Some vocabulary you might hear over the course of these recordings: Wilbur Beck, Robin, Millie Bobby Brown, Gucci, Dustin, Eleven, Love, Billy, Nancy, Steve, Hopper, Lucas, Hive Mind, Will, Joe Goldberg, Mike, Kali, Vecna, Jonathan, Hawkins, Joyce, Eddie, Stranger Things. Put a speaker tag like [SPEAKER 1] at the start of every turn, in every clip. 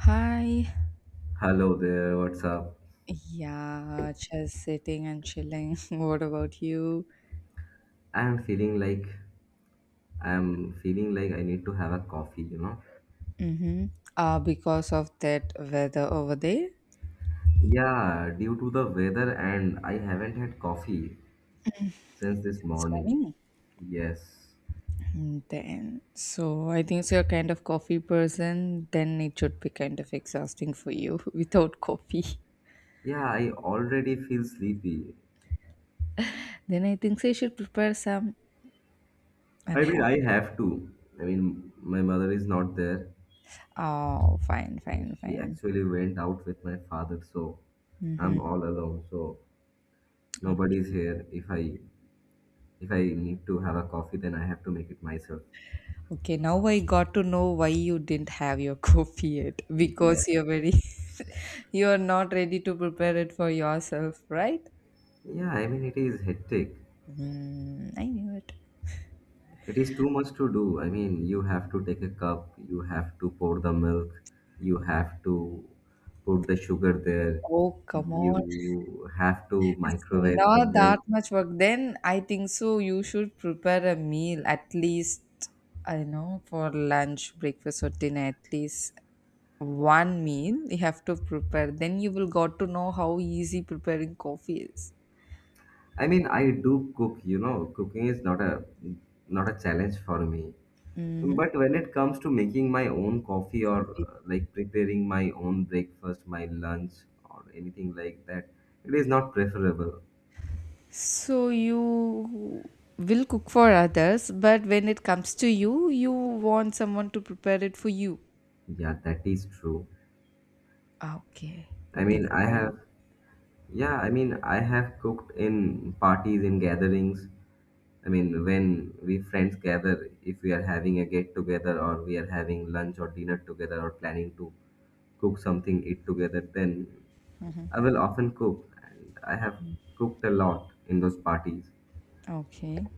[SPEAKER 1] Hi.
[SPEAKER 2] Hello there, what's up?
[SPEAKER 1] Yeah, just sitting and chilling. What about you?
[SPEAKER 2] I am feeling like I am feeling like I need to have a coffee, you know.
[SPEAKER 1] Mm-hmm. Because of that weather over there
[SPEAKER 2] Yeah, due to the weather, and I haven't had coffee since this
[SPEAKER 1] since
[SPEAKER 2] morning.
[SPEAKER 1] morning.
[SPEAKER 2] Yes.
[SPEAKER 1] Then, so I think so you're kind of coffee person, then it should be kind of exhausting for you without coffee.
[SPEAKER 2] Yeah, I already feel sleepy.
[SPEAKER 1] Then I think so you should prepare some and
[SPEAKER 2] I mean,
[SPEAKER 1] have.
[SPEAKER 2] I have to. I mean, my mother is not there.
[SPEAKER 1] Oh, fine, fine,
[SPEAKER 2] She
[SPEAKER 1] fine.
[SPEAKER 2] actually went out with my father, so
[SPEAKER 1] Mm-hmm.
[SPEAKER 2] I'm all alone. So nobody's here. If I need to have a coffee, then I have to make it myself.
[SPEAKER 1] Okay, now I got to know why you didn't have your coffee yet
[SPEAKER 2] Yes.
[SPEAKER 1] because you're very you are not ready to prepare it for yourself, right?
[SPEAKER 2] Yeah, I mean, it is hectic.
[SPEAKER 1] Mm, I knew it.
[SPEAKER 2] It is too much to do. I mean, you have to take a cup, you have to pour the milk, you have to put the sugar there,
[SPEAKER 1] Oh, come on.
[SPEAKER 2] you have to
[SPEAKER 1] It's
[SPEAKER 2] microwave the
[SPEAKER 1] not that
[SPEAKER 2] milk.
[SPEAKER 1] much work. Then I think so you should prepare a meal at least, I know, for lunch, breakfast or dinner, at least one meal you have to prepare. Then you will got to know how easy preparing coffee is.
[SPEAKER 2] I mean, I do cook, you know, cooking is not a challenge for me.
[SPEAKER 1] Mm-hmm.
[SPEAKER 2] But when it comes to making my own coffee or like preparing my own breakfast, my lunch or anything like that, it is not preferable.
[SPEAKER 1] So you will cook for others, but when it comes to you, you want someone to prepare it for you.
[SPEAKER 2] Yeah, that is true.
[SPEAKER 1] Okay,
[SPEAKER 2] I mean, I have
[SPEAKER 1] different.
[SPEAKER 2] Yeah, I mean, I have cooked in parties, in gatherings. I mean, when we friends gather, if we are having a get together or we are having lunch or dinner together or planning to cook something, eat together, then I will often cook. And I have cooked a lot in those parties.
[SPEAKER 1] Okay,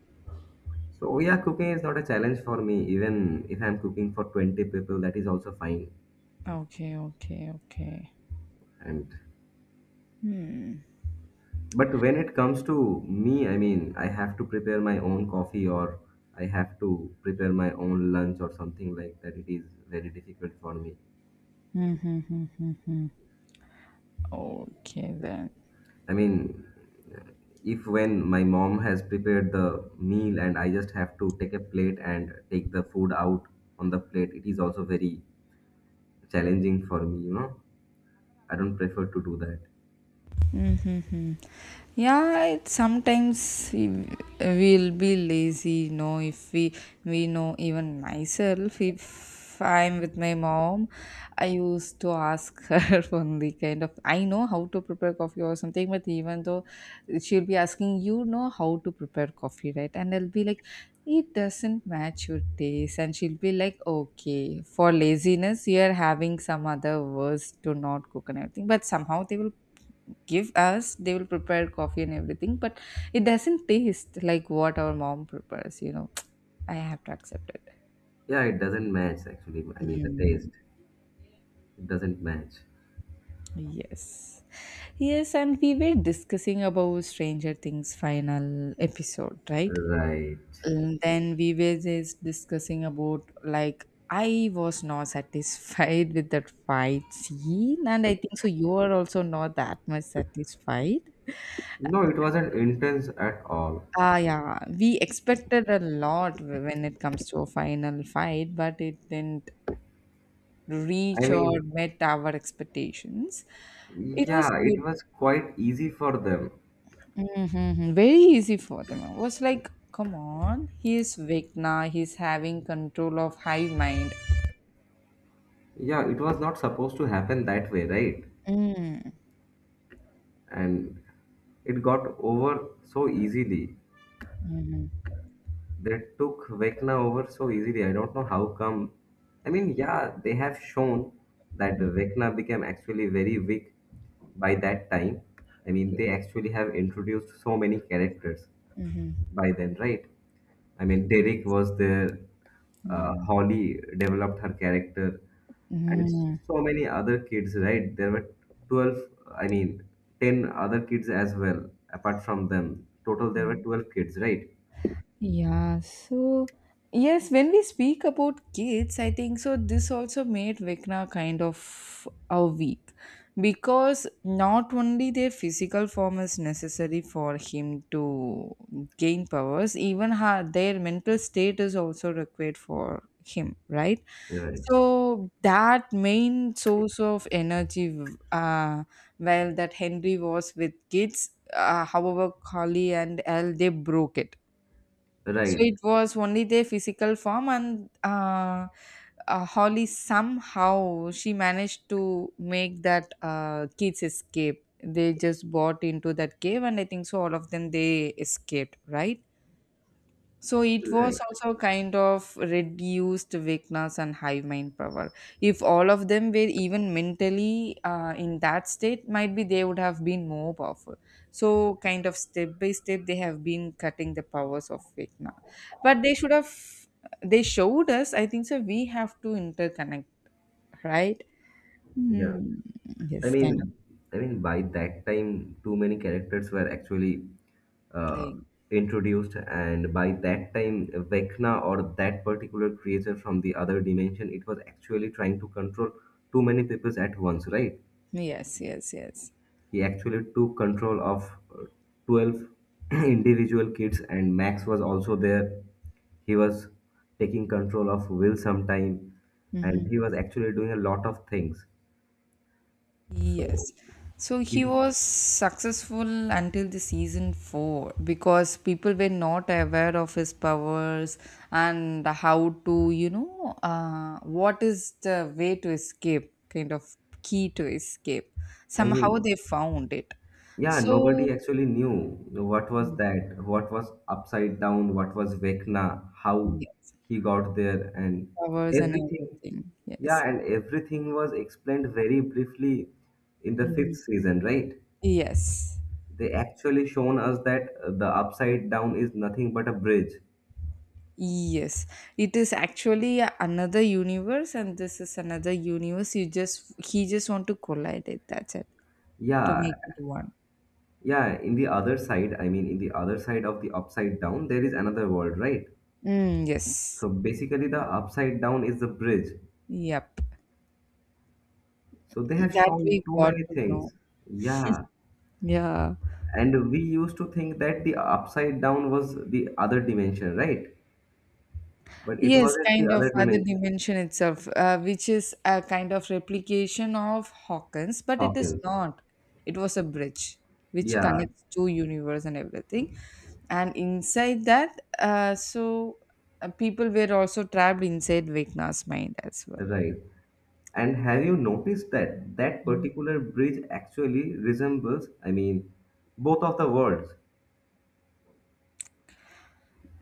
[SPEAKER 2] So, yeah, cooking is not a challenge for me. Even if I'm cooking for 20 people, that is also fine.
[SPEAKER 1] okay, okay, okay.
[SPEAKER 2] And
[SPEAKER 1] Hmm.
[SPEAKER 2] But when it comes to me, I mean, I have to prepare my own coffee, or I have to prepare my own lunch or something like that. It is very difficult for me.
[SPEAKER 1] Mm-hmm. Okay then.
[SPEAKER 2] I mean, if when my mom has prepared the meal and I just have to take a plate and take the food out on the plate, it is also very challenging for me, you know. I don't prefer to do that.
[SPEAKER 1] Mm-hmm. Yeah, it, sometimes we- we'll be lazy, if we, we know, even myself, if I'm with my mom, I used to ask her only, kind of, I know how to prepare coffee or something, but even though she'll be asking, you know how to prepare coffee, right? And I'll be like, it doesn't match your taste. And she'll be like, okay, for laziness, you're having some other words to not cook and everything. But somehow they will give us they will prepare coffee and everything, but it doesn't taste like what our mom prepares, I have to accept it.
[SPEAKER 2] Yeah, it doesn't match actually. I mean, the
[SPEAKER 1] Mm.
[SPEAKER 2] taste, it doesn't match.
[SPEAKER 1] Yes, yes, and we were discussing about Stranger Things final episode, right?
[SPEAKER 2] Right.
[SPEAKER 1] And then we were just discussing about, like, I was not satisfied with that fight scene and I think so you are also not that much satisfied.
[SPEAKER 2] No, it wasn't intense at all.
[SPEAKER 1] Ah, yeah. We expected a lot when it comes to a final fight, but it didn't
[SPEAKER 2] I
[SPEAKER 1] reach or
[SPEAKER 2] mean,
[SPEAKER 1] met our expectations. It was
[SPEAKER 2] yeah, it
[SPEAKER 1] good.
[SPEAKER 2] was quite easy for them.
[SPEAKER 1] Hmm. Very easy for them. It was like, come on, he is weak now. He's having control of hive mind.
[SPEAKER 2] Yeah, it was not supposed to happen that way, right?
[SPEAKER 1] Mm.
[SPEAKER 2] And it got over so easily.
[SPEAKER 1] Mm-hmm.
[SPEAKER 2] They took Vecna over so easily. I don't know how come. I mean, yeah, they have shown that
[SPEAKER 1] Mm-hmm.
[SPEAKER 2] Vecna became actually very weak by that time. I mean, they actually have introduced so many characters
[SPEAKER 1] Mm-hmm.
[SPEAKER 2] by then, right? I mean, Derek was there,
[SPEAKER 1] Mm-hmm.
[SPEAKER 2] Holly developed her character, and so many other kids, right? There were 12, I mean, 10 other kids as well, apart from them. Total, there were
[SPEAKER 1] Mm-hmm.
[SPEAKER 2] 12 kids, right?
[SPEAKER 1] Yeah, so yes, when we speak about kids, I think so this also made Vecna kind of a weak, because not only their physical form is necessary for him to gain powers, even their mental state is also required for him, right?
[SPEAKER 2] Right.
[SPEAKER 1] So that main source of energy, well, that Henry was with kids, however, Carly and Elle, they broke it, so
[SPEAKER 2] Right.
[SPEAKER 1] it was only their physical form, and Holly somehow she managed to make that kids escape. They just bought into that cave, and I think so. All of them they escaped, right? So it was
[SPEAKER 2] Right.
[SPEAKER 1] also kind of reduced weakness and high mind power. If all of them were even mentally in that state, might be they would have been more powerful. So kind of step by step, they have been cutting the powers of Vecna. But they should have. They showed us. I think so. We have to interconnect, right?
[SPEAKER 2] Yeah.
[SPEAKER 1] Hmm.
[SPEAKER 2] I
[SPEAKER 1] Yes, kind of
[SPEAKER 2] mean, I mean, by that time, too many characters were actually uh,
[SPEAKER 1] playing.
[SPEAKER 2] introduced, and by that time, Vecna, or that particular creature from the other dimension, it was actually trying to control too many peoples at once, right?
[SPEAKER 1] Yes, yes, yes.
[SPEAKER 2] He actually took control of uh, 12 individual kids, and Max was also there. He was taking control of Will sometime, and
[SPEAKER 1] Mhm.
[SPEAKER 2] he was actually doing a lot of things. So
[SPEAKER 1] Yes. So
[SPEAKER 2] if
[SPEAKER 1] he was successful until the season 4 because people were not aware of his powers and how to, what is the way to escape, kind of key to escape.
[SPEAKER 2] I
[SPEAKER 1] Somehow
[SPEAKER 2] mean
[SPEAKER 1] they found it.
[SPEAKER 2] Yeah, nobody
[SPEAKER 1] So,
[SPEAKER 2] actually knew what was
[SPEAKER 1] mm,
[SPEAKER 2] that, what was upside down, what was Vecna, how
[SPEAKER 1] yeah,
[SPEAKER 2] he got there, and
[SPEAKER 1] powers and
[SPEAKER 2] everything.
[SPEAKER 1] everything. Yes.
[SPEAKER 2] Yeah, and everything was explained very briefly in the
[SPEAKER 1] Mhm.
[SPEAKER 2] fifth season, right?
[SPEAKER 1] Yes.
[SPEAKER 2] They actually shown us that the upside down is nothing but a bridge.
[SPEAKER 1] Yes, it is actually another universe, and this is another universe. You just he just want to collide it. That's it, to
[SPEAKER 2] Yeah,
[SPEAKER 1] make it one.
[SPEAKER 2] yeah. In the other side, I mean, in the other side of the upside down, there is another world, right?
[SPEAKER 1] Mm, yes.
[SPEAKER 2] So basically, the upside down is the bridge.
[SPEAKER 1] Yep.
[SPEAKER 2] So they have
[SPEAKER 1] That
[SPEAKER 2] shown
[SPEAKER 1] we
[SPEAKER 2] too
[SPEAKER 1] got
[SPEAKER 2] many
[SPEAKER 1] to know.
[SPEAKER 2] things. Yeah.
[SPEAKER 1] Yeah.
[SPEAKER 2] And we used to think that the upside down was the other dimension, right? But it
[SPEAKER 1] Yes,
[SPEAKER 2] wasn't the
[SPEAKER 1] kind of
[SPEAKER 2] other
[SPEAKER 1] other
[SPEAKER 2] dimension,
[SPEAKER 1] dimension itself, which is a kind of replication of Hawkins, but it is
[SPEAKER 2] Hawkins.
[SPEAKER 1] not. It was a bridge which
[SPEAKER 2] Yeah,
[SPEAKER 1] connects two universe and everything. And inside that, people were also trapped inside Vecna's mind as well.
[SPEAKER 2] right. And have you noticed that that particular bridge actually resembles, I mean, both of the worlds?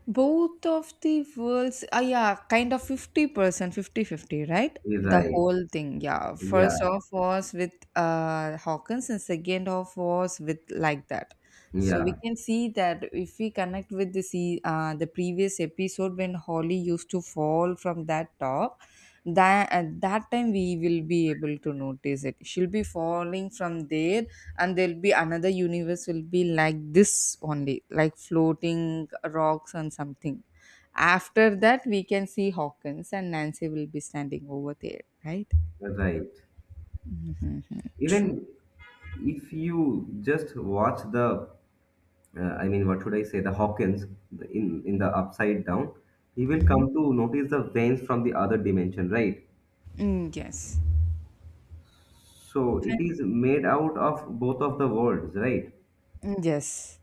[SPEAKER 1] Both of the worlds, yeah, kind of 50%, percent 50 50, right? The
[SPEAKER 2] Right.
[SPEAKER 1] whole thing, yeah.
[SPEAKER 2] Yeah,
[SPEAKER 1] First off was with Hawkins and second off was with like that. So we
[SPEAKER 2] yeah,
[SPEAKER 1] can see that if we connect with the the previous episode when Holly used to fall from that top, that at that time we will be able to notice it. She'll be falling from there and there'll be another universe will be like this only, like floating rocks and something. After that we can see Hawkins and Nancy will be standing over there, right?
[SPEAKER 2] right.
[SPEAKER 1] Mhm, mhm, true.
[SPEAKER 2] Even if you just watch the I mean, what should I say? In the upside down, he will
[SPEAKER 1] Mhm.
[SPEAKER 2] come to notice the veins from the other dimension, right?
[SPEAKER 1] Mm, yes.
[SPEAKER 2] So it is made out of both of the worlds, right?
[SPEAKER 1] And, yes.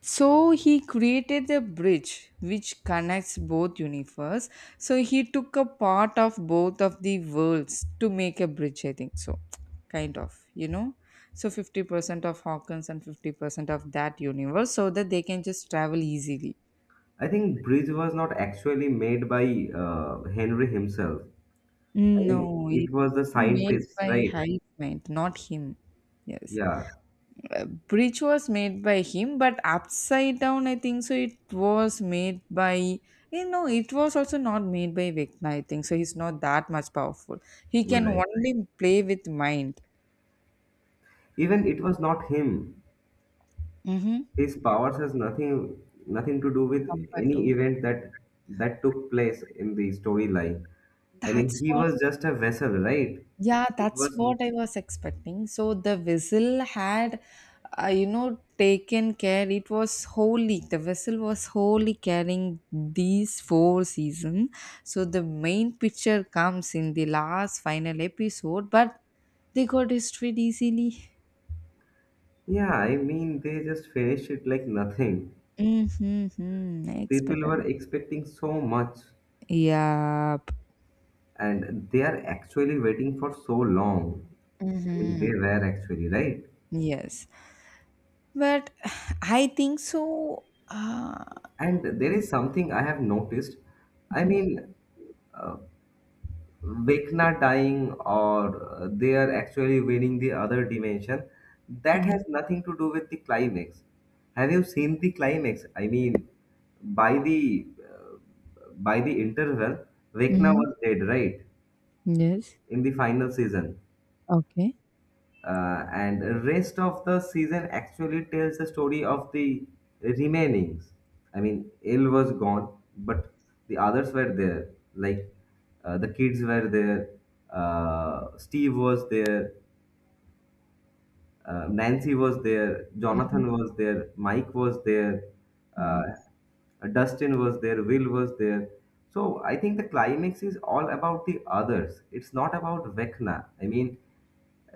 [SPEAKER 1] So he created the bridge which connects both universe. So he took a part of both of the worlds to make a bridge, I think so. Kind of, you know. So 50% of Hawkins and 50% of that universe so that they can just travel easily.
[SPEAKER 2] I think Bridge was not actually made by Henry himself. I mean,
[SPEAKER 1] No, it's
[SPEAKER 2] it was the
[SPEAKER 1] made
[SPEAKER 2] scientists,
[SPEAKER 1] by
[SPEAKER 2] right?
[SPEAKER 1] Hive Mind, not him. Yes.
[SPEAKER 2] Yeah,
[SPEAKER 1] Bridge was made by him, but upside down I think so it was made by, you know, it was also not made by Vecna, I think so. He's not that much powerful, he can
[SPEAKER 2] right.
[SPEAKER 1] only play with mind.
[SPEAKER 2] Even it was not him.
[SPEAKER 1] Mm-hmm.
[SPEAKER 2] His powers has nothing to do with
[SPEAKER 1] Compared to,
[SPEAKER 2] any event that took place in the storyline. I mean,
[SPEAKER 1] that's
[SPEAKER 2] he
[SPEAKER 1] what.
[SPEAKER 2] was just a vessel, right?
[SPEAKER 1] Yeah,
[SPEAKER 2] It
[SPEAKER 1] that's
[SPEAKER 2] was,
[SPEAKER 1] what I was expecting. So the whistle had, taken care. It was wholly, the whistle was wholly carrying these four seasons. So the main picture comes in the last final episode, but they got destroyed easily.
[SPEAKER 2] yeah. I mean, they just finished it like nothing.
[SPEAKER 1] Mm-hmm. I
[SPEAKER 2] People
[SPEAKER 1] expected
[SPEAKER 2] were
[SPEAKER 1] that.
[SPEAKER 2] expecting so much,
[SPEAKER 1] Yep.
[SPEAKER 2] and they are actually waiting for so long. I mean, they
[SPEAKER 1] Mm-hmm.
[SPEAKER 2] were actually right.
[SPEAKER 1] Yes. But I think so.
[SPEAKER 2] And there is something I have noticed. I
[SPEAKER 1] Mm-hmm.
[SPEAKER 2] mean, Vecna dying, or they are actually winning the other dimension, that has nothing to do with the climax. Have you seen the climax? I mean, by the uh, by the interval, Vecna
[SPEAKER 1] Mm-hmm.
[SPEAKER 2] was dead, right?
[SPEAKER 1] Yes.
[SPEAKER 2] In the final season,
[SPEAKER 1] Okay.
[SPEAKER 2] and rest of the season actually tells the story of the remainings. I mean, il was gone, but the others were there, like the kids were there, Steve was there, Nancy was there, Jonathan was there, Mike was there, uh, Dustin was there, Will was there. So I think the climax is all about the others. It's not about Vecna. I mean,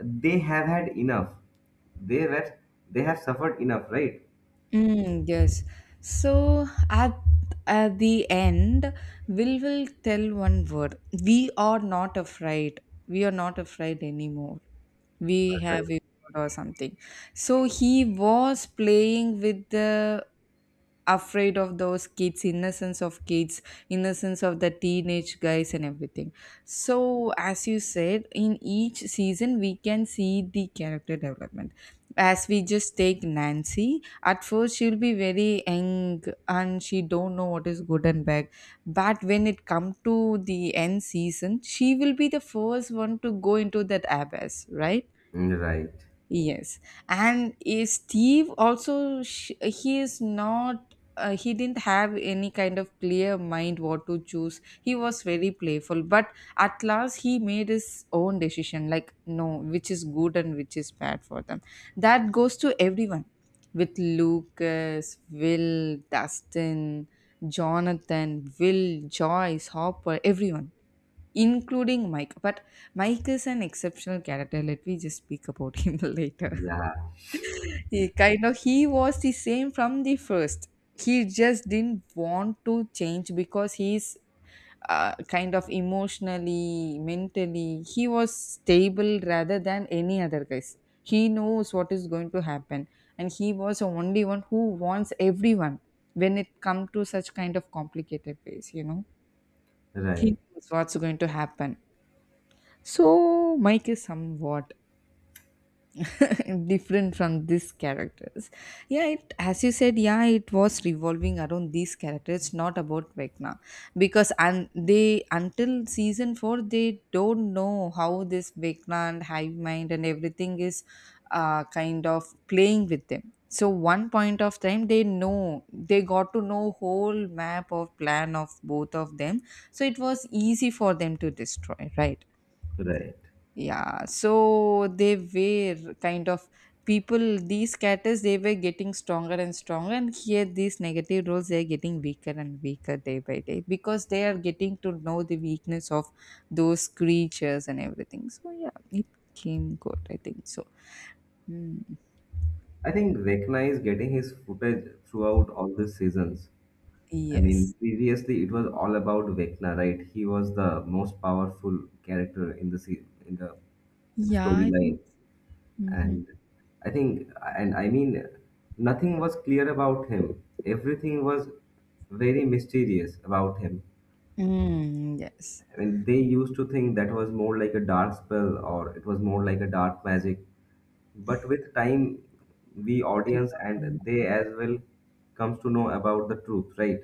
[SPEAKER 2] they have had enough. They were, they have suffered enough, right?
[SPEAKER 1] Mm, yes. So at the end, will tell one word. We are not afraid. We are not afraid anymore. We have
[SPEAKER 2] Right.
[SPEAKER 1] evolved or something. So he was playing with the afraid of those kids, innocence of the teenage guys and everything. So as you said, in each season we can see the character development. As we just take Nancy, at first she'll be very young and she don't know what is good and bad, but when it come to the end season she will be the first one to go into that abyss, right?
[SPEAKER 2] Right.
[SPEAKER 1] Yes, and is Steve also, he is not, he didn't have any kind of clear mind what to choose. He was very playful, but at last he made his own decision like no, which is good and which is bad for them. That goes to everyone, with Lucas, Will, Dustin, Jonathan, Will, Joyce, Hopper, everyone, including Mike. But Mike is an exceptional character. Let me just speak about him later.
[SPEAKER 2] Yeah.
[SPEAKER 1] He kind of he was the same from the first. He just didn't want to change because he's kind of emotionally, mentally, he was stable rather than any other guys. He knows what is going to happen, and he was the only one who wants everyone when it come to such kind of complicated ways. You know, he
[SPEAKER 2] Right.
[SPEAKER 1] knows what's going to happen. So Mike is somewhat different from these characters. Yeah, it, as you said, yeah, it was revolving around these characters, not about Vecna, because, and they until season 4 they don't know how this Vecna and hive mind and everything is, kind of playing with them. So one point of time they know, they got to know whole map of plan of both of them, so it was easy for them to destroy, right?
[SPEAKER 2] Right.
[SPEAKER 1] Yeah, so they were kind of, people, these characters, they were getting stronger and stronger, and here these negative roles they are getting weaker and weaker day by day because they are getting to know the weakness of those creatures and everything. So yeah, it came good, I think so. Mm,
[SPEAKER 2] I think Vecna is getting his footage throughout all the seasons. I mean,
[SPEAKER 1] yes.
[SPEAKER 2] previously it was all about Vecna, right? He was the most powerful character in in the
[SPEAKER 1] Yeah, I think.
[SPEAKER 2] storyline,
[SPEAKER 1] Mm-hmm.
[SPEAKER 2] and I think, and I mean, nothing was clear about him. Everything was very mysterious about him.
[SPEAKER 1] Mm, yes.
[SPEAKER 2] I mean, they used to think that was more like a dark spell, or it was more like a dark magic. But with time, we
[SPEAKER 1] They
[SPEAKER 2] audience,
[SPEAKER 1] got
[SPEAKER 2] and
[SPEAKER 1] on,
[SPEAKER 2] they
[SPEAKER 1] yeah.
[SPEAKER 2] as well, comes to know about the truth, right?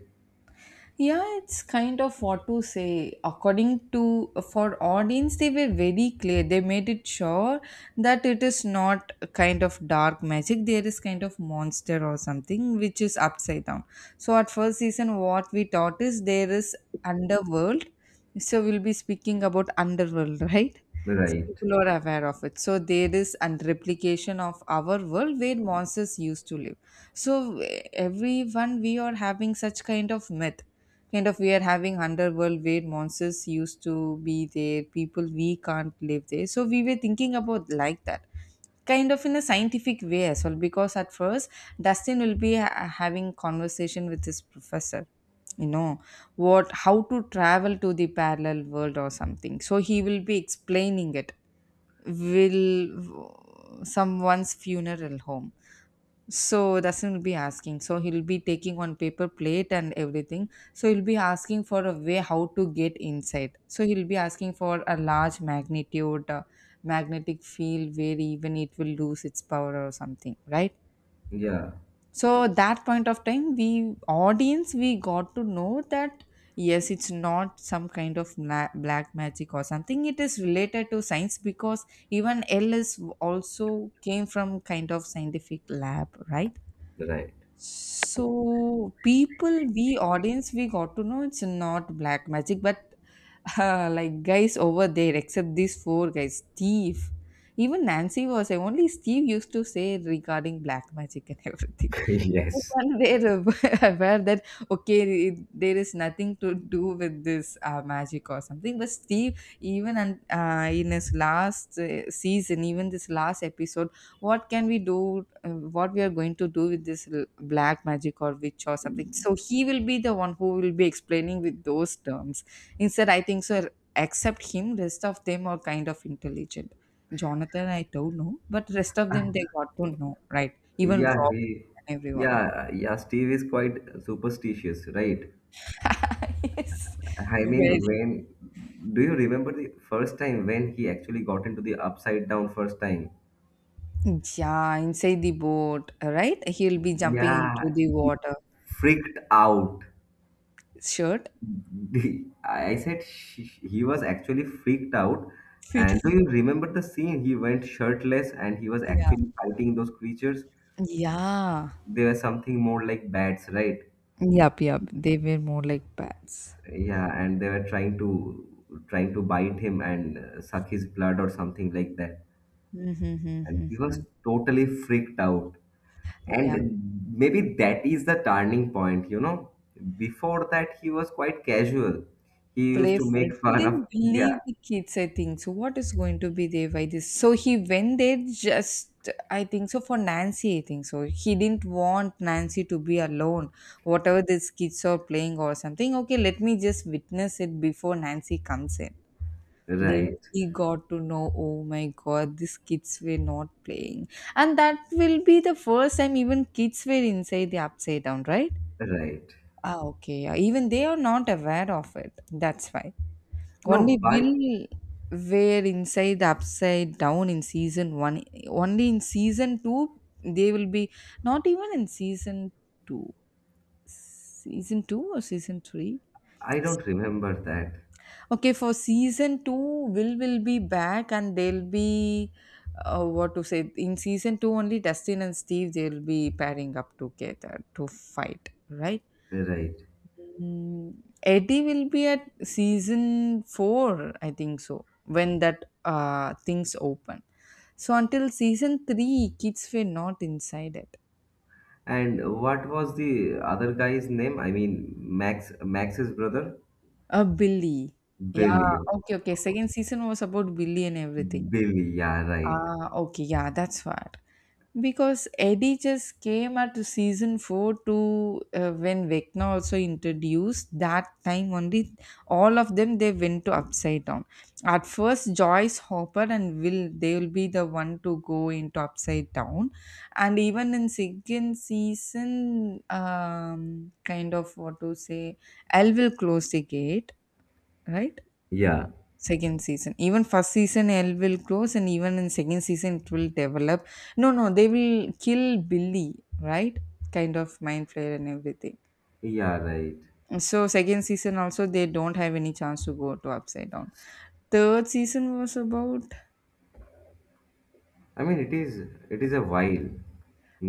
[SPEAKER 1] Yeah, it's kind of what to say, according to, for audience they were very clear, they made it sure that it is not a kind of dark magic. There is kind of monster or something which is upside down. So at first season what we taught is there is underworld. So we'll be speaking about underworld right. So
[SPEAKER 2] Right.
[SPEAKER 1] people are aware of it, so there is a replication of our world where monsters used to live. So everyone, we are having such kind of myth, kind of we are having underworld where monsters used to be there, people we can't live there, so we were thinking about like that, kind of in a scientific way as well. Because at first Dustin will be having conversation with his professor, you know, what, how to travel to the parallel world or something, so he will be explaining it. Will, someone's funeral home. So Dasan will be asking. So he'll be taking one paper plate and everything. So he'll be asking for a way how to get inside. So he'll be asking for a large magnitude, magnetic field where even it will lose its power or something, right?
[SPEAKER 2] Yeah.
[SPEAKER 1] So that point of time, we audience, we got to know that yes, it's not some kind of black magic or something, it is related to science because even ls also came from kind of scientific lab, right?
[SPEAKER 2] Right.
[SPEAKER 1] So people, we audience, we got to know it's not black magic, but like guys over there, except these four guys, Steve, even Nancy was there. Only Steve used to say regarding black magic and everything.
[SPEAKER 2] Yes.
[SPEAKER 1] Everyone there were aware that okay, there is nothing to do with this magic or something. But Steve, even and in his last season, even this last episode, what can we do, what we are going to do with this black magic or witch or something. So he will be the one who will be explaining with those terms instead, I think so. Except him, rest of them are kind of intelligent. Jonathan, I don't know, but rest of them they got to know, right? Even
[SPEAKER 2] Yeah,
[SPEAKER 1] Rob
[SPEAKER 2] he,
[SPEAKER 1] and everyone.
[SPEAKER 2] yeah, yeah. Steve is quite superstitious, right?
[SPEAKER 1] Yes,
[SPEAKER 2] I mean,
[SPEAKER 1] very.
[SPEAKER 2] when do you remember the first time when he actually got into the upside down first time?
[SPEAKER 1] Yeah, inside the boat, right? He'll be jumping
[SPEAKER 2] Yeah,
[SPEAKER 1] into the
[SPEAKER 2] he
[SPEAKER 1] water.
[SPEAKER 2] freaked out.
[SPEAKER 1] Shirt
[SPEAKER 2] I said she, he was actually freaked out.
[SPEAKER 1] fit.
[SPEAKER 2] And do you remember the scene? He went shirtless, and he was
[SPEAKER 1] Yeah,
[SPEAKER 2] actually fighting those creatures.
[SPEAKER 1] yeah.
[SPEAKER 2] They were something more like bats, right?
[SPEAKER 1] Yup, yup. They were more like pets.
[SPEAKER 2] Yeah, and they were trying to bite him and suck his blood or something like that, and he
[SPEAKER 1] Mm-hmm.
[SPEAKER 2] was totally freaked out.
[SPEAKER 1] Yeah,
[SPEAKER 2] And maybe that is the turning point, you know. Before that, he was quite casual. He used to
[SPEAKER 1] playful.
[SPEAKER 2] make
[SPEAKER 1] He
[SPEAKER 2] fun of,
[SPEAKER 1] didn't
[SPEAKER 2] yeah,
[SPEAKER 1] believe the kids, I think. So what is going to be there by this? So he went there just, I think so for Nancy, I think so. He didn't want Nancy to be alone. Whatever these kids are playing or something. Okay, let me just witness it before Nancy comes in. Then
[SPEAKER 2] right.
[SPEAKER 1] he got to know, oh my god, these kids were not playing. And that will be the first time even kids were inside the upside down, right?
[SPEAKER 2] Right.
[SPEAKER 1] Ah, okay. Yeah. Even they are not aware of it. That's why. Only
[SPEAKER 2] No, but
[SPEAKER 1] Will were inside the upside down in season one. Only in season two, they will be, not even in season two. Season two or season three?
[SPEAKER 2] I don't remember that.
[SPEAKER 1] Okay, for season two, will be back, and they'll be, what to say, in season two only Dustin and Steve they'll be pairing up together to fight, right?
[SPEAKER 2] Right.
[SPEAKER 1] Mm, Eddie will be at season four, I think so. When that things open, so until season three, kids were not inside it.
[SPEAKER 2] And what was the other guy's name? I mean, Max, Max's brother.
[SPEAKER 1] Billy, yeah,
[SPEAKER 2] Billy.
[SPEAKER 1] okay, okay. Second season was about Billy and everything.
[SPEAKER 2] Billy, yeah, right.
[SPEAKER 1] Ah, okay, yeah, that's what. Because Eddie just came at the season four to, when Vecna also introduced that time only, all of them they went to upside down. At first Joyce, Hopper and Will, they will be the one to go into upside down, and even in second season, kind of what to say, Elle will close the gate, right?
[SPEAKER 2] Yeah,
[SPEAKER 1] Second season. Even first season L will close, and even in second season it will develop. No, no, they will kill Billy, right? Kind of mind flare and everything.
[SPEAKER 2] yeah, right.
[SPEAKER 1] So second season also they don't have any chance to go to upside down. Third season was about,
[SPEAKER 2] I mean, it is, it is a while,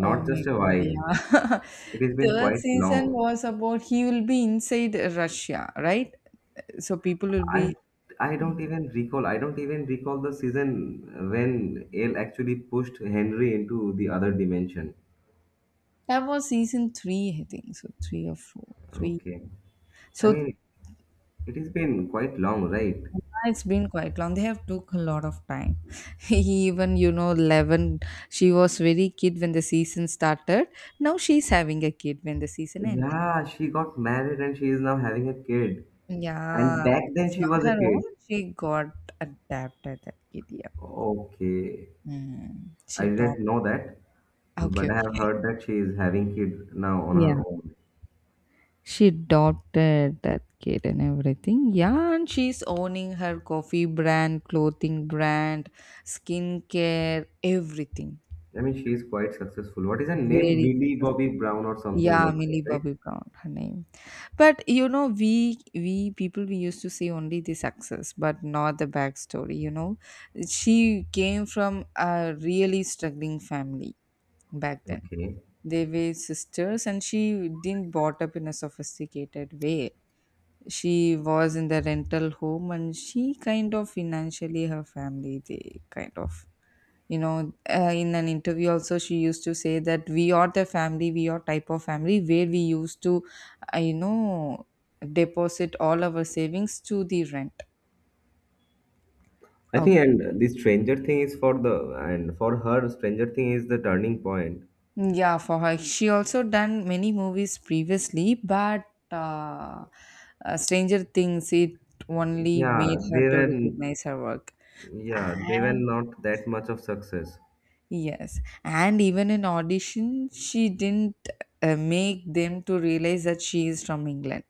[SPEAKER 1] oh my
[SPEAKER 2] just a
[SPEAKER 1] god,
[SPEAKER 2] while.
[SPEAKER 1] yeah.
[SPEAKER 2] It has been
[SPEAKER 1] Third
[SPEAKER 2] quite
[SPEAKER 1] season
[SPEAKER 2] long.
[SPEAKER 1] was about he will be inside Russia, right? So people will
[SPEAKER 2] I
[SPEAKER 1] be,
[SPEAKER 2] I don't even recall. I don't even recall the season when Ale actually pushed Henry into the other dimension.
[SPEAKER 1] that was season three, I think. So three or four. Three.
[SPEAKER 2] Okay. I
[SPEAKER 1] So
[SPEAKER 2] mean, it has been quite long, right?
[SPEAKER 1] it's been quite long. They have took a lot of time. Even you know, Eleven. She was very kid when the season started. Now she's having a kid when the season end.
[SPEAKER 2] Yeah, she got married, and she is now having a kid. And
[SPEAKER 1] Yeah,
[SPEAKER 2] back then
[SPEAKER 1] it's
[SPEAKER 2] she
[SPEAKER 1] not
[SPEAKER 2] was a
[SPEAKER 1] her own.
[SPEAKER 2] kid.
[SPEAKER 1] She got adapted that kid. Yeah,
[SPEAKER 2] Okay.
[SPEAKER 1] mm, she
[SPEAKER 2] I
[SPEAKER 1] adopted.
[SPEAKER 2] didn't know that,
[SPEAKER 1] Okay,
[SPEAKER 2] but I have
[SPEAKER 1] okay.
[SPEAKER 2] heard that she is having kid now on
[SPEAKER 1] Yeah,
[SPEAKER 2] her own.
[SPEAKER 1] she adopted that kid and everything. Yeah, and she's owning her coffee brand, clothing brand, skincare, everything.
[SPEAKER 2] I mean, she is quite successful. What is her name?
[SPEAKER 1] Very
[SPEAKER 2] Millie
[SPEAKER 1] successful.
[SPEAKER 2] Bobby Brown or something
[SPEAKER 1] Yeah,
[SPEAKER 2] like
[SPEAKER 1] Millie
[SPEAKER 2] that, right?
[SPEAKER 1] Bobby Brown, her name. But you know, we people, we used to see only the success, but not the backstory. You know, she came from a really struggling family back then.
[SPEAKER 2] Okay.
[SPEAKER 1] They were sisters, and she didn't brought up in a sophisticated way. She was in the rental home, and she kind of financially, her family they kind of, you know, in an interview also she used to say that we are the family, we are type of family where we used to, you know, deposit all our savings to the rent.
[SPEAKER 2] I think,
[SPEAKER 1] Okay,
[SPEAKER 2] and the Stranger Thing is for the, and for her, Stranger Thing is the turning point.
[SPEAKER 1] yeah, for her, she also done many movies previously, but uh, Stranger Things it only
[SPEAKER 2] Yeah,
[SPEAKER 1] made her
[SPEAKER 2] they
[SPEAKER 1] to
[SPEAKER 2] were,
[SPEAKER 1] recognize her work.
[SPEAKER 2] yeah, they were
[SPEAKER 1] And
[SPEAKER 2] not that much of success.
[SPEAKER 1] yes, and even in audition she didn't make them to realize that she is from England.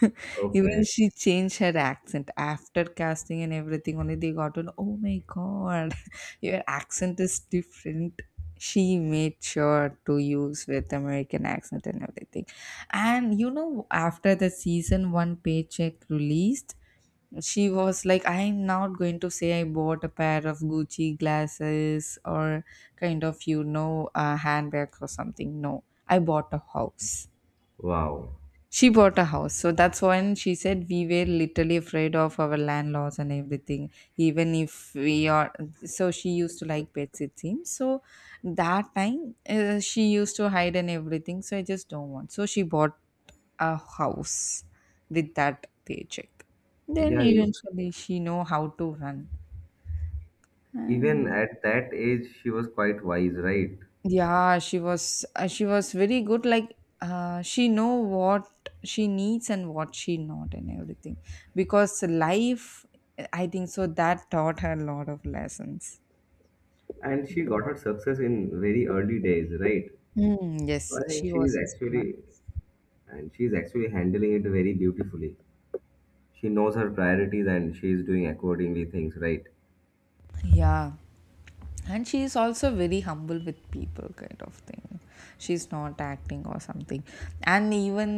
[SPEAKER 1] Even
[SPEAKER 2] Okay.
[SPEAKER 1] she changed her accent after casting and everything. Only they got on, oh my god, your accent is different. She made sure to use with American accent and everything. And you know, after the season one paycheck released, she was like, I'm not going to say I bought a pair of Gucci glasses or kind of, you know, a handbag or something. No, I bought a house.
[SPEAKER 2] Wow.
[SPEAKER 1] She bought a house. So that's when she said we were literally afraid of our land loss and everything. Even if we are, so she used to like pets, it seems. So that time she used to hide and everything. So I just don't want. So she bought a house with that paycheck. Then
[SPEAKER 2] Yeah, e-
[SPEAKER 1] eventually she know how to run.
[SPEAKER 2] even
[SPEAKER 1] And
[SPEAKER 2] at that age, she was quite wise, right?
[SPEAKER 1] yeah, she was very good. Like she know what she needs and what she not and everything. Because life, I think so that taught her a lot of lessons.
[SPEAKER 2] And she got her success in very early days, right?
[SPEAKER 1] Mm, yes,
[SPEAKER 2] I think
[SPEAKER 1] she
[SPEAKER 2] she is
[SPEAKER 1] was a smart.
[SPEAKER 2] actually, and she is actually handling it very beautifully. She knows her priorities, and she is doing accordingly things, right?
[SPEAKER 1] Yeah. And she is also very humble with people, kind of thing. She's not acting or something. And even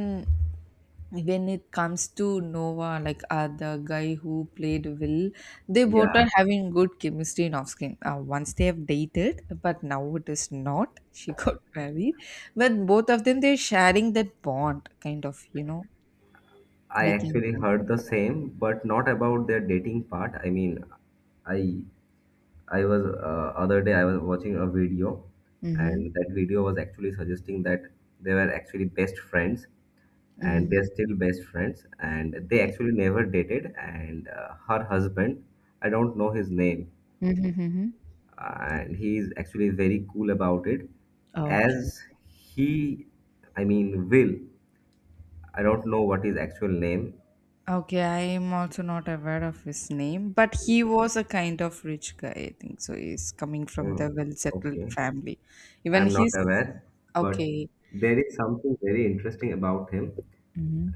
[SPEAKER 1] when it comes to Nova, like the guy who played Will, they both
[SPEAKER 2] Yeah,
[SPEAKER 1] are having good chemistry in off screen. Once they have dated, but now it is not. She got married, but both of them they're sharing that bond, kind of, you know,
[SPEAKER 2] I
[SPEAKER 1] we can.
[SPEAKER 2] actually heard the same, but not about their dating part. I mean, I I was other day I was watching a video,
[SPEAKER 1] Mm-hmm.
[SPEAKER 2] and that video was actually suggesting that they were actually best friends, and they're
[SPEAKER 1] Mm-hmm.
[SPEAKER 2] still best friends, and they actually never dated. And her husband, I don't know his name,
[SPEAKER 1] Mm-hmm.
[SPEAKER 2] and he is actually very cool about it as he I mean will I don't know what his actual name.
[SPEAKER 1] Okay, I am also not aware of his name, but he was a kind of rich guy, I think. So he's coming from
[SPEAKER 2] Mm,
[SPEAKER 1] the well settled
[SPEAKER 2] okay,
[SPEAKER 1] family. Even
[SPEAKER 2] I'm not
[SPEAKER 1] his.
[SPEAKER 2] aware, but
[SPEAKER 1] Okay.
[SPEAKER 2] there is something very interesting about him
[SPEAKER 1] Hmm.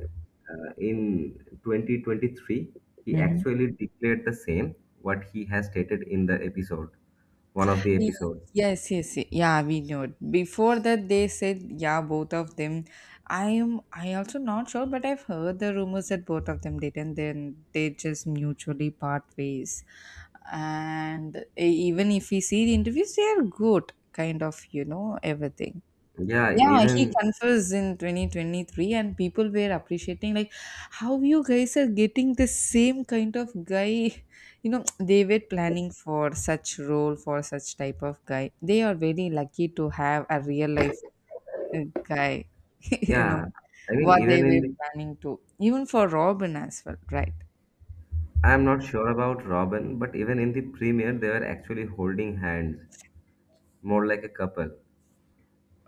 [SPEAKER 2] in 2023. He
[SPEAKER 1] Hmm.
[SPEAKER 2] actually declared the same what he has stated in the episode, one of the
[SPEAKER 1] Ye-
[SPEAKER 2] episodes.
[SPEAKER 1] Yes, yes, yeah, we know it. Before that, they said, yeah, both of them. I also not sure, but I've heard the rumors that both of them did, and then they just mutually part ways. And even if we see the interviews, they are good, kind of, you know, everything.
[SPEAKER 2] yeah
[SPEAKER 1] Yeah, he
[SPEAKER 2] even
[SPEAKER 1] confessed in 2023, and people were appreciating like how you guys are getting the same kind of guy. You know, they were planning for such role for such type of guy. They are very lucky to have a real life, uh, guy. You know
[SPEAKER 2] yeah, I mean,
[SPEAKER 1] what they
[SPEAKER 2] even in
[SPEAKER 1] were
[SPEAKER 2] the
[SPEAKER 1] planning to, even for Robin as well, right?
[SPEAKER 2] I'm not sure about Robin, but even in the premiere, they were actually holding hands, more like a couple,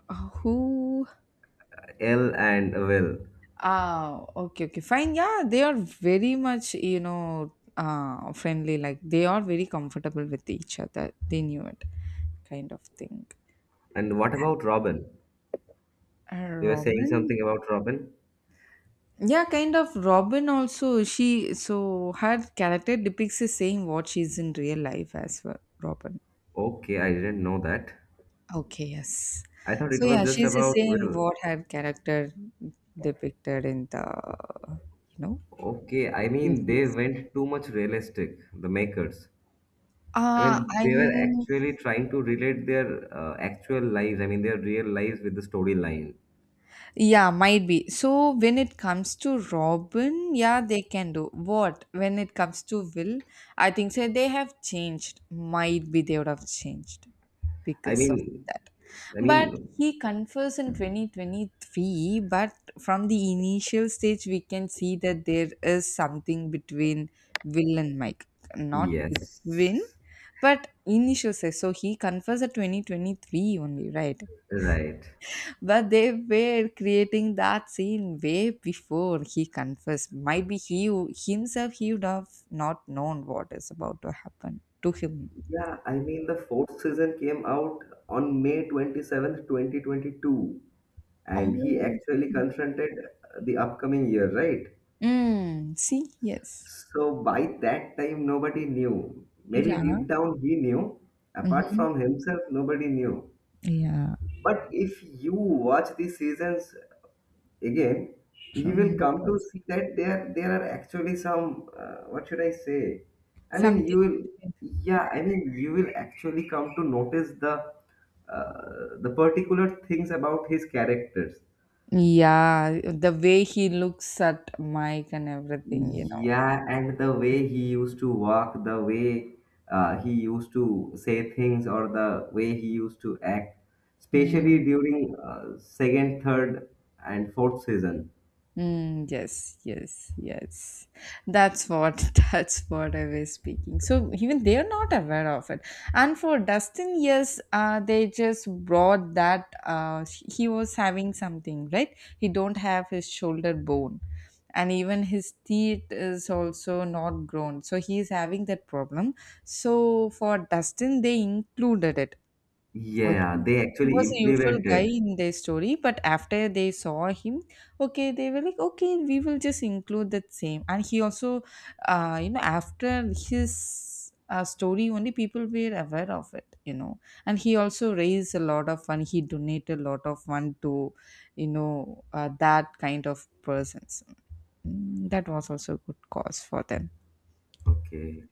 [SPEAKER 1] Who.
[SPEAKER 2] Elle and Will.
[SPEAKER 1] Ah, okay, okay, fine. Yeah, they are very much, you know, friendly. Like they are very comfortable with each other. They knew it, kind of thing.
[SPEAKER 2] And what about Robin? You were saying
[SPEAKER 1] Robin,
[SPEAKER 2] something about Robin?
[SPEAKER 1] yeah, kind of. Robin also, she, so her character depicts the same what she is in real life as well. Robin.
[SPEAKER 2] Okay, I didn't know that.
[SPEAKER 1] Okay, yes.
[SPEAKER 2] I thought
[SPEAKER 1] So
[SPEAKER 2] it was
[SPEAKER 1] yeah,
[SPEAKER 2] just
[SPEAKER 1] she's the
[SPEAKER 2] about
[SPEAKER 1] same
[SPEAKER 2] Will.
[SPEAKER 1] what her character depicted in the, you know,
[SPEAKER 2] Okay, I
[SPEAKER 1] in
[SPEAKER 2] mean, they
[SPEAKER 1] series.
[SPEAKER 2] went too much realistic, the makers. I mean, they were
[SPEAKER 1] I'm,
[SPEAKER 2] actually trying to relate their actual lives, I mean, their real lives with the storyline.
[SPEAKER 1] yeah, might be. So when it comes to Robin, yeah, they can do. What? When it comes to Will, I think so they have changed. Might be they would have changed
[SPEAKER 2] I
[SPEAKER 1] because of
[SPEAKER 2] mean,
[SPEAKER 1] that.
[SPEAKER 2] I
[SPEAKER 1] But
[SPEAKER 2] mean,
[SPEAKER 1] he confessed in 2023, but from the initial stage, we can see that there is something between Will and Mike. Not between,
[SPEAKER 2] yes,
[SPEAKER 1] but initial stage. So he confessed at 2023 only, right?
[SPEAKER 2] right.
[SPEAKER 1] But they were creating that scene way before he confessed. Might be himself he would have not known what is about to happen to him.
[SPEAKER 2] Yeah, I mean the fourth season came out on May 27th, 2022, and he
[SPEAKER 1] Oh,
[SPEAKER 2] actually confronted the upcoming year, right?
[SPEAKER 1] mm, see, yes,
[SPEAKER 2] So by that time, nobody knew. Maybe
[SPEAKER 1] yeah,
[SPEAKER 2] deep down he knew. Apart
[SPEAKER 1] hmm,
[SPEAKER 2] from himself, nobody knew.
[SPEAKER 1] yeah.
[SPEAKER 2] But if you watch the seasons again, you will
[SPEAKER 1] Mhm, that
[SPEAKER 2] come to
[SPEAKER 1] was
[SPEAKER 2] see that there are actually some what should I say? I mean,
[SPEAKER 1] something
[SPEAKER 2] you will
[SPEAKER 1] between.
[SPEAKER 2] yeah. I mean, you will actually come to notice the particular things about his characters.
[SPEAKER 1] Yeah, the way he looks at Mike and everything, you know.
[SPEAKER 2] Yeah, and the way he used to walk, the way he used to say things, or the way he used to act,
[SPEAKER 1] Mm.
[SPEAKER 2] especially during second, third, and fourth season.
[SPEAKER 1] Mm, yes, yes, yes. That's what, that's what I was speaking. So even they are not aware of it. And for Dustin, yes, they just brought that, he was having something, right? He don't have his shoulder bone, and even his teeth is also not grown. So he is having that problem. So for Dustin, they included it.
[SPEAKER 2] Yeah,
[SPEAKER 1] Okay.
[SPEAKER 2] they
[SPEAKER 1] He
[SPEAKER 2] actually
[SPEAKER 1] was a usual guy
[SPEAKER 2] implemented.
[SPEAKER 1] in their story, but after they saw him, okay, they were like, okay, we will just include that same. And he also, you know, after his story, only people were aware of it, you know. And he also raised a lot of fund. He donated a lot of fund to, you know, that kind of persons. Mm, that was also a good cause for them.
[SPEAKER 2] Okay.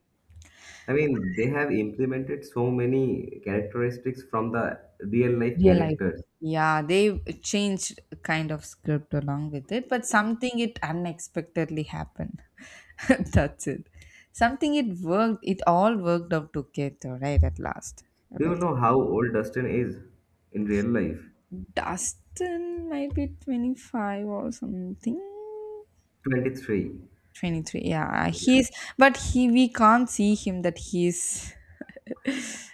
[SPEAKER 2] I mean, they have implemented so many characteristics from the real life
[SPEAKER 1] Real life.
[SPEAKER 2] characters.
[SPEAKER 1] Yeah, they changed kind of script along with it, but something it unexpectedly happened. That's it. Something it worked, it all worked out together, right? At last,
[SPEAKER 2] Do you
[SPEAKER 1] everything.
[SPEAKER 2] know how old Dustin is in real life?
[SPEAKER 1] Dustin might be 25 or something.
[SPEAKER 2] 23.
[SPEAKER 1] 23, yeah.
[SPEAKER 2] Yeah.
[SPEAKER 1] He's, but he, we can't see him that he's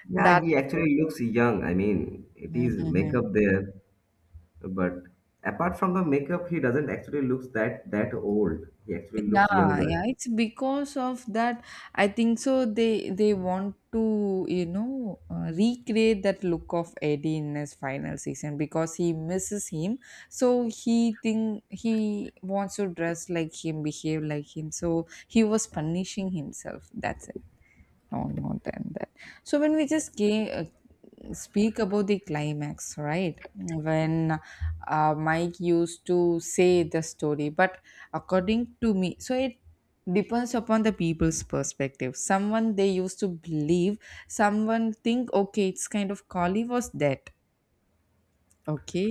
[SPEAKER 2] Yeah,
[SPEAKER 1] that.
[SPEAKER 2] he actually looks young. I mean, it is makeup there, but apart from the makeup, he doesn't actually looks that old. He actually looks
[SPEAKER 1] Yeah,
[SPEAKER 2] younger.
[SPEAKER 1] yeah, it's because of that. I think so. They want to recreate that look of Eddie in his final season because he misses him. So he think he wants to dress like him, behave like him. So he was punishing himself. That's it. No more than that. So when we just came speak about the climax, right, when Mike used to say the story, but according to me, so it depends upon the people's perspective. Someone they used to believe, someone think okay, it's kind of Kali was dead. Okay,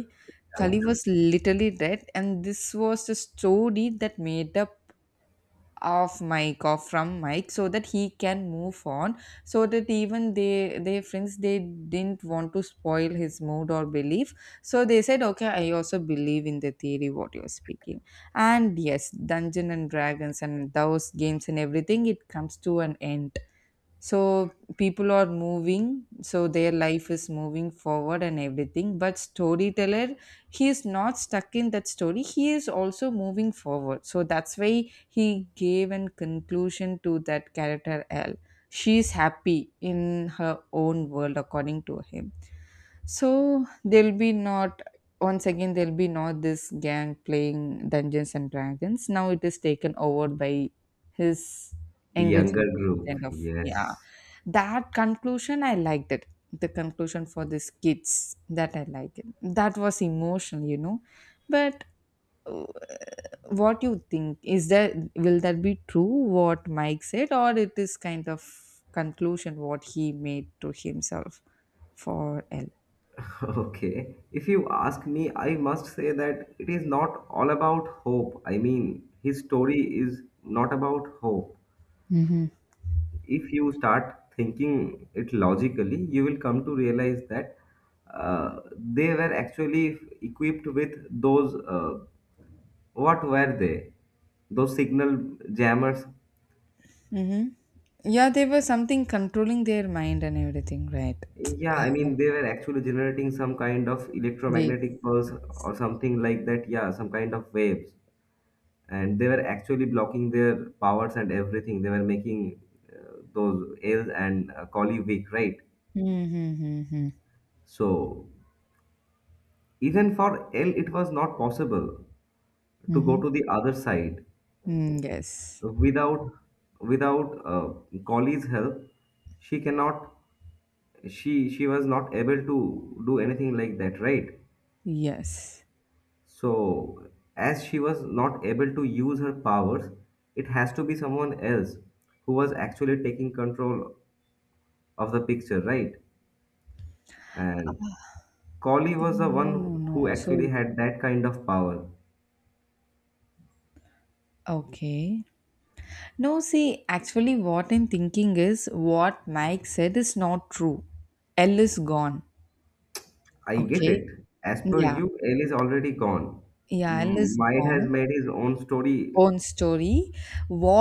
[SPEAKER 1] Kali
[SPEAKER 2] Yeah.
[SPEAKER 1] was literally dead, and this was the story that made up off mic or from mic so that he can move on, so that even they, their friends, they didn't want to spoil his mood or belief. So they said okay, I also believe in the theory what you're speaking. And yes, Dungeon and Dragons and those games and everything, it comes to an end. So people are moving, so their life is moving forward and everything, but storyteller, he is not stuck in that story, he is also moving forward. So that's why he gave an conclusion to that character L. She is happy in her own world according to him. So there'll be not, once again there'll be not this gang playing Dungeons and Dragons. Now it is taken over by his
[SPEAKER 2] The
[SPEAKER 1] younger
[SPEAKER 2] younger
[SPEAKER 1] generation,
[SPEAKER 2] group.
[SPEAKER 1] kind of. Yeah,
[SPEAKER 2] Yes.
[SPEAKER 1] that conclusion I liked it. The conclusion for these kids that I liked it, that was emotional, but uh, what you think is that, will that be true what Mike said, or it is kind of conclusion what he made to himself for L?
[SPEAKER 2] Okay, if you ask me, I must say that it is not all about hope. I mean, his story is not about hope.
[SPEAKER 1] Hmm.
[SPEAKER 2] If you start thinking it logically, you will come to realize that they were actually equipped with those, what were they? Those signal jammers.
[SPEAKER 1] Mm-hmm. Yeah, they were something controlling their mind and everything, right?
[SPEAKER 2] Yeah, I mean, they were actually generating some kind of
[SPEAKER 1] Waves.
[SPEAKER 2] electromagnetic pulse or something like that. Yeah, some kind of waves and they were actually blocking their powers and everything. They were making those L and Collie weak, right?
[SPEAKER 1] Mm-hmm.
[SPEAKER 2] So even for L, it was not possible to
[SPEAKER 1] Hmm.
[SPEAKER 2] go to the other side
[SPEAKER 1] Mm, yes.
[SPEAKER 2] without without Collie's help. She cannot. She was not able to do anything like that, right?
[SPEAKER 1] Yes.
[SPEAKER 2] So as she was not able to use her powers, it has to be someone else who was actually taking control of the picture, right? And Collie was the
[SPEAKER 1] No, no,
[SPEAKER 2] one who
[SPEAKER 1] no.
[SPEAKER 2] actually
[SPEAKER 1] So
[SPEAKER 2] had that kind of power.
[SPEAKER 1] okay, no, see, actually, what I'm thinking is what Mike said is not true. L is gone.
[SPEAKER 2] I get
[SPEAKER 1] Okay.
[SPEAKER 2] it. As per
[SPEAKER 1] Yeah.
[SPEAKER 2] you, L is already gone.
[SPEAKER 1] Yeah, L
[SPEAKER 2] M-
[SPEAKER 1] is
[SPEAKER 2] Might has
[SPEAKER 1] gone.
[SPEAKER 2] made his own story
[SPEAKER 1] Own story.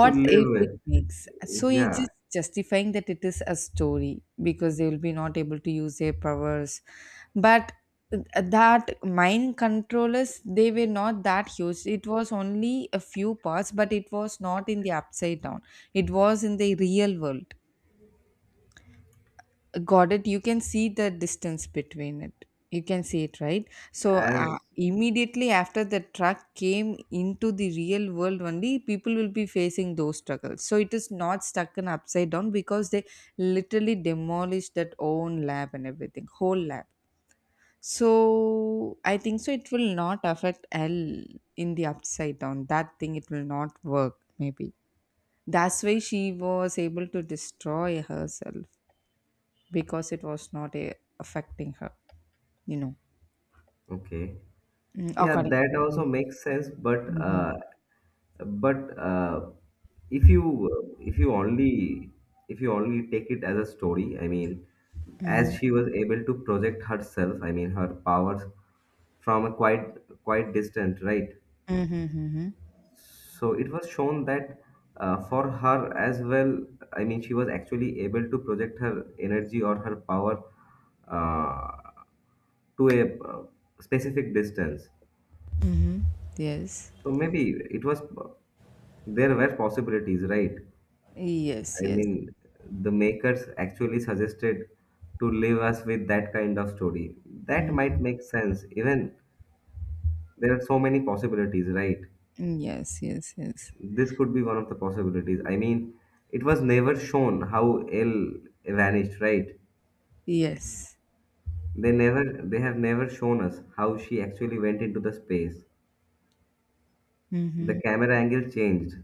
[SPEAKER 2] to live
[SPEAKER 1] if it makes?
[SPEAKER 2] with.
[SPEAKER 1] So you're
[SPEAKER 2] Yeah,
[SPEAKER 1] just justifying that it is a story because they will be not able to use their powers. But that mind controllers, they were not that huge. It was only a few parts, but it was not in the upside down. It was in the real world. Got it. You can see the distance between it. You can see it, right? So
[SPEAKER 2] as
[SPEAKER 1] immediately after the truck came into the real world, only people will be facing those struggles. So it is not stuck in upside down because they literally demolished that own lab and everything, whole lab. So I think so, it will not affect L in the upside down. That thing, it will not work. Maybe that's why she was able to destroy herself because it was not a, affecting her, you know,
[SPEAKER 2] okay.
[SPEAKER 1] mm,
[SPEAKER 2] Yeah,
[SPEAKER 1] according
[SPEAKER 2] that
[SPEAKER 1] to
[SPEAKER 2] also
[SPEAKER 1] me.
[SPEAKER 2] makes sense, but
[SPEAKER 1] Mhm.
[SPEAKER 2] uh, but uh, if you only take it as a story, I mean, as
[SPEAKER 1] Mhm.
[SPEAKER 2] she was able to project herself, I mean her powers, from a quite distant, right?
[SPEAKER 1] Mhm. Mhm.
[SPEAKER 2] So it was shown that for her as well, I mean she was actually able to project her energy or her power uh, to a specific distance,
[SPEAKER 1] Mhm. Yes.
[SPEAKER 2] so maybe it was, there were possibilities, right?
[SPEAKER 1] Yes.
[SPEAKER 2] I
[SPEAKER 1] Yes.
[SPEAKER 2] mean, the makers actually suggested to leave us with that kind of story. That might
[SPEAKER 1] Mm.
[SPEAKER 2] make sense. Even there are so many possibilities, right?
[SPEAKER 1] Yes. Yes. Yes.
[SPEAKER 2] This could be one of the possibilities. I mean, it was never shown how Elle vanished, right?
[SPEAKER 1] Yes.
[SPEAKER 2] They never, they have never shown us how she actually went into the space. The
[SPEAKER 1] Mm-hmm.
[SPEAKER 2] camera angle changed.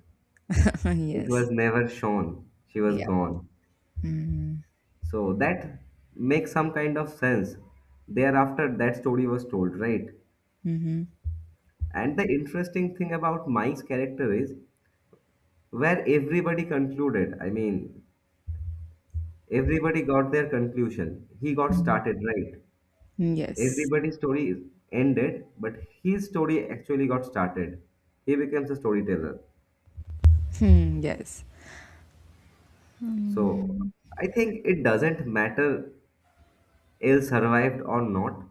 [SPEAKER 2] It
[SPEAKER 1] yes.
[SPEAKER 2] was never shown. She was
[SPEAKER 1] Yeah.
[SPEAKER 2] gone.
[SPEAKER 1] Mm-hmm.
[SPEAKER 2] So that makes some kind of sense. Thereafter, that story was told, right?
[SPEAKER 1] Mm-hmm.
[SPEAKER 2] And the interesting thing about Mike's character is where everybody concluded. I mean, everybody got their conclusion. He got
[SPEAKER 1] Mm-hmm.
[SPEAKER 2] started, right?
[SPEAKER 1] Yes.
[SPEAKER 2] Everybody's story is ended, but his story actually got started. He becomes a storyteller.
[SPEAKER 1] Hmm, yes.
[SPEAKER 2] So
[SPEAKER 1] Mm-hmm.
[SPEAKER 2] I think it doesn't matter ill survived or not.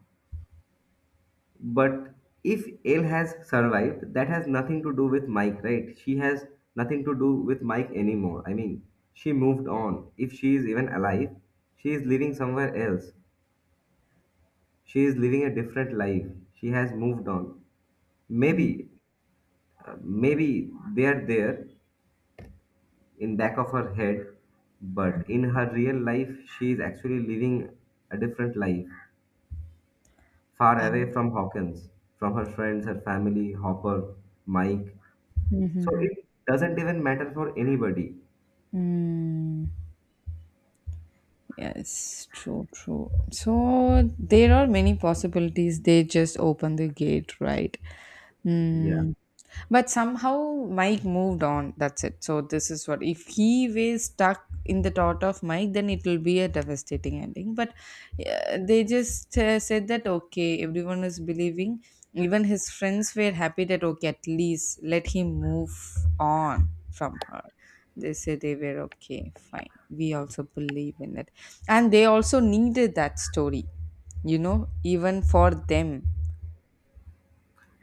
[SPEAKER 2] But if L has survived, that has nothing to do with Mike, right? She has nothing to do with Mike anymore. I mean, she moved on. If she is even alive, she is living somewhere else. She is living a different life. She has moved on. Maybe, maybe they are there in back of her head, but in her real life, she is actually living a different life, far away
[SPEAKER 1] Um,
[SPEAKER 2] from Hawkins, from her friends, her family, Hopper, Mike. So it doesn't even matter for anybody.
[SPEAKER 1] mm-hmm. Yes, true, true. So there are many possibilities. They just open the gate, right?
[SPEAKER 2] Yeah.
[SPEAKER 1] Mm, but somehow Mike moved on. That's it. So this is, what if he was stuck in the thought of Mike, then it will be a devastating ending. But they just said that okay, everyone is believing. Even his friends were happy that okay, at least let him move on from her. They said they were okay, fine, we also believe in it, and they also needed that story. You know, even for them.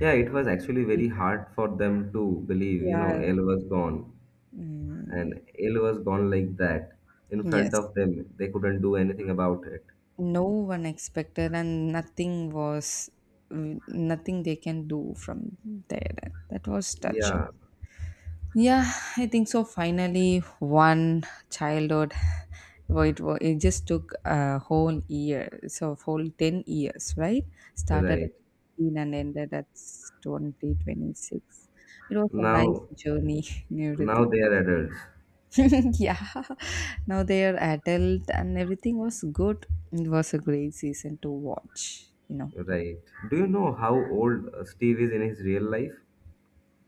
[SPEAKER 2] Yeah, it was actually very
[SPEAKER 1] People,
[SPEAKER 2] hard for them to believe, you know,
[SPEAKER 1] yeah.
[SPEAKER 2] Elle was gone.
[SPEAKER 1] Mm,
[SPEAKER 2] And Elle was gone like that in front
[SPEAKER 1] yes.
[SPEAKER 2] of them. They couldn't do anything about it.
[SPEAKER 1] No one expected, and nothing they can do from there that, was touching.
[SPEAKER 2] Yeah,
[SPEAKER 1] Yeah, I think so, finally one childhood. Well, it just took a whole year, so whole 10 years, right? Started at
[SPEAKER 2] right.
[SPEAKER 1] 15 and ended at 2026. It was a nice
[SPEAKER 2] Now,
[SPEAKER 1] journey, and
[SPEAKER 2] now
[SPEAKER 1] everything.
[SPEAKER 2] they are adults.
[SPEAKER 1] Yeah, now they are adult and everything was good. It was a great season to watch, you know.
[SPEAKER 2] Right. Do you know how old Steve is in his real life?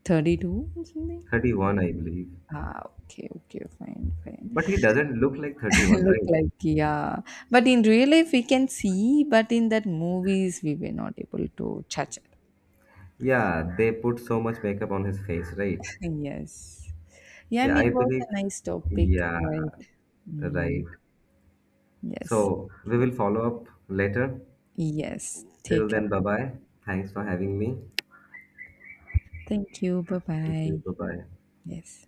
[SPEAKER 1] 32 or something.
[SPEAKER 2] 31, I believe.
[SPEAKER 1] Ah, okay okay, fine fine.
[SPEAKER 2] But he doesn't look like 31,
[SPEAKER 1] Look
[SPEAKER 2] right?
[SPEAKER 1] like, yeah, but in real life we can see, but in that movies we were not able to touch it.
[SPEAKER 2] Yeah, they put so much makeup on his face, right?
[SPEAKER 1] Yes. Yeah, and
[SPEAKER 2] Yeah,
[SPEAKER 1] it
[SPEAKER 2] I
[SPEAKER 1] was
[SPEAKER 2] believe.
[SPEAKER 1] a nice topic.
[SPEAKER 2] Yeah,
[SPEAKER 1] Right.
[SPEAKER 2] Right.
[SPEAKER 1] Mm, yes.
[SPEAKER 2] So we will follow up later.
[SPEAKER 1] yes
[SPEAKER 2] Till
[SPEAKER 1] take up.
[SPEAKER 2] then, bye
[SPEAKER 1] Bye.
[SPEAKER 2] bye. Thanks for having me.
[SPEAKER 1] Thank you, bye
[SPEAKER 2] Thank
[SPEAKER 1] bye.
[SPEAKER 2] you. Bye bye.
[SPEAKER 1] Yes.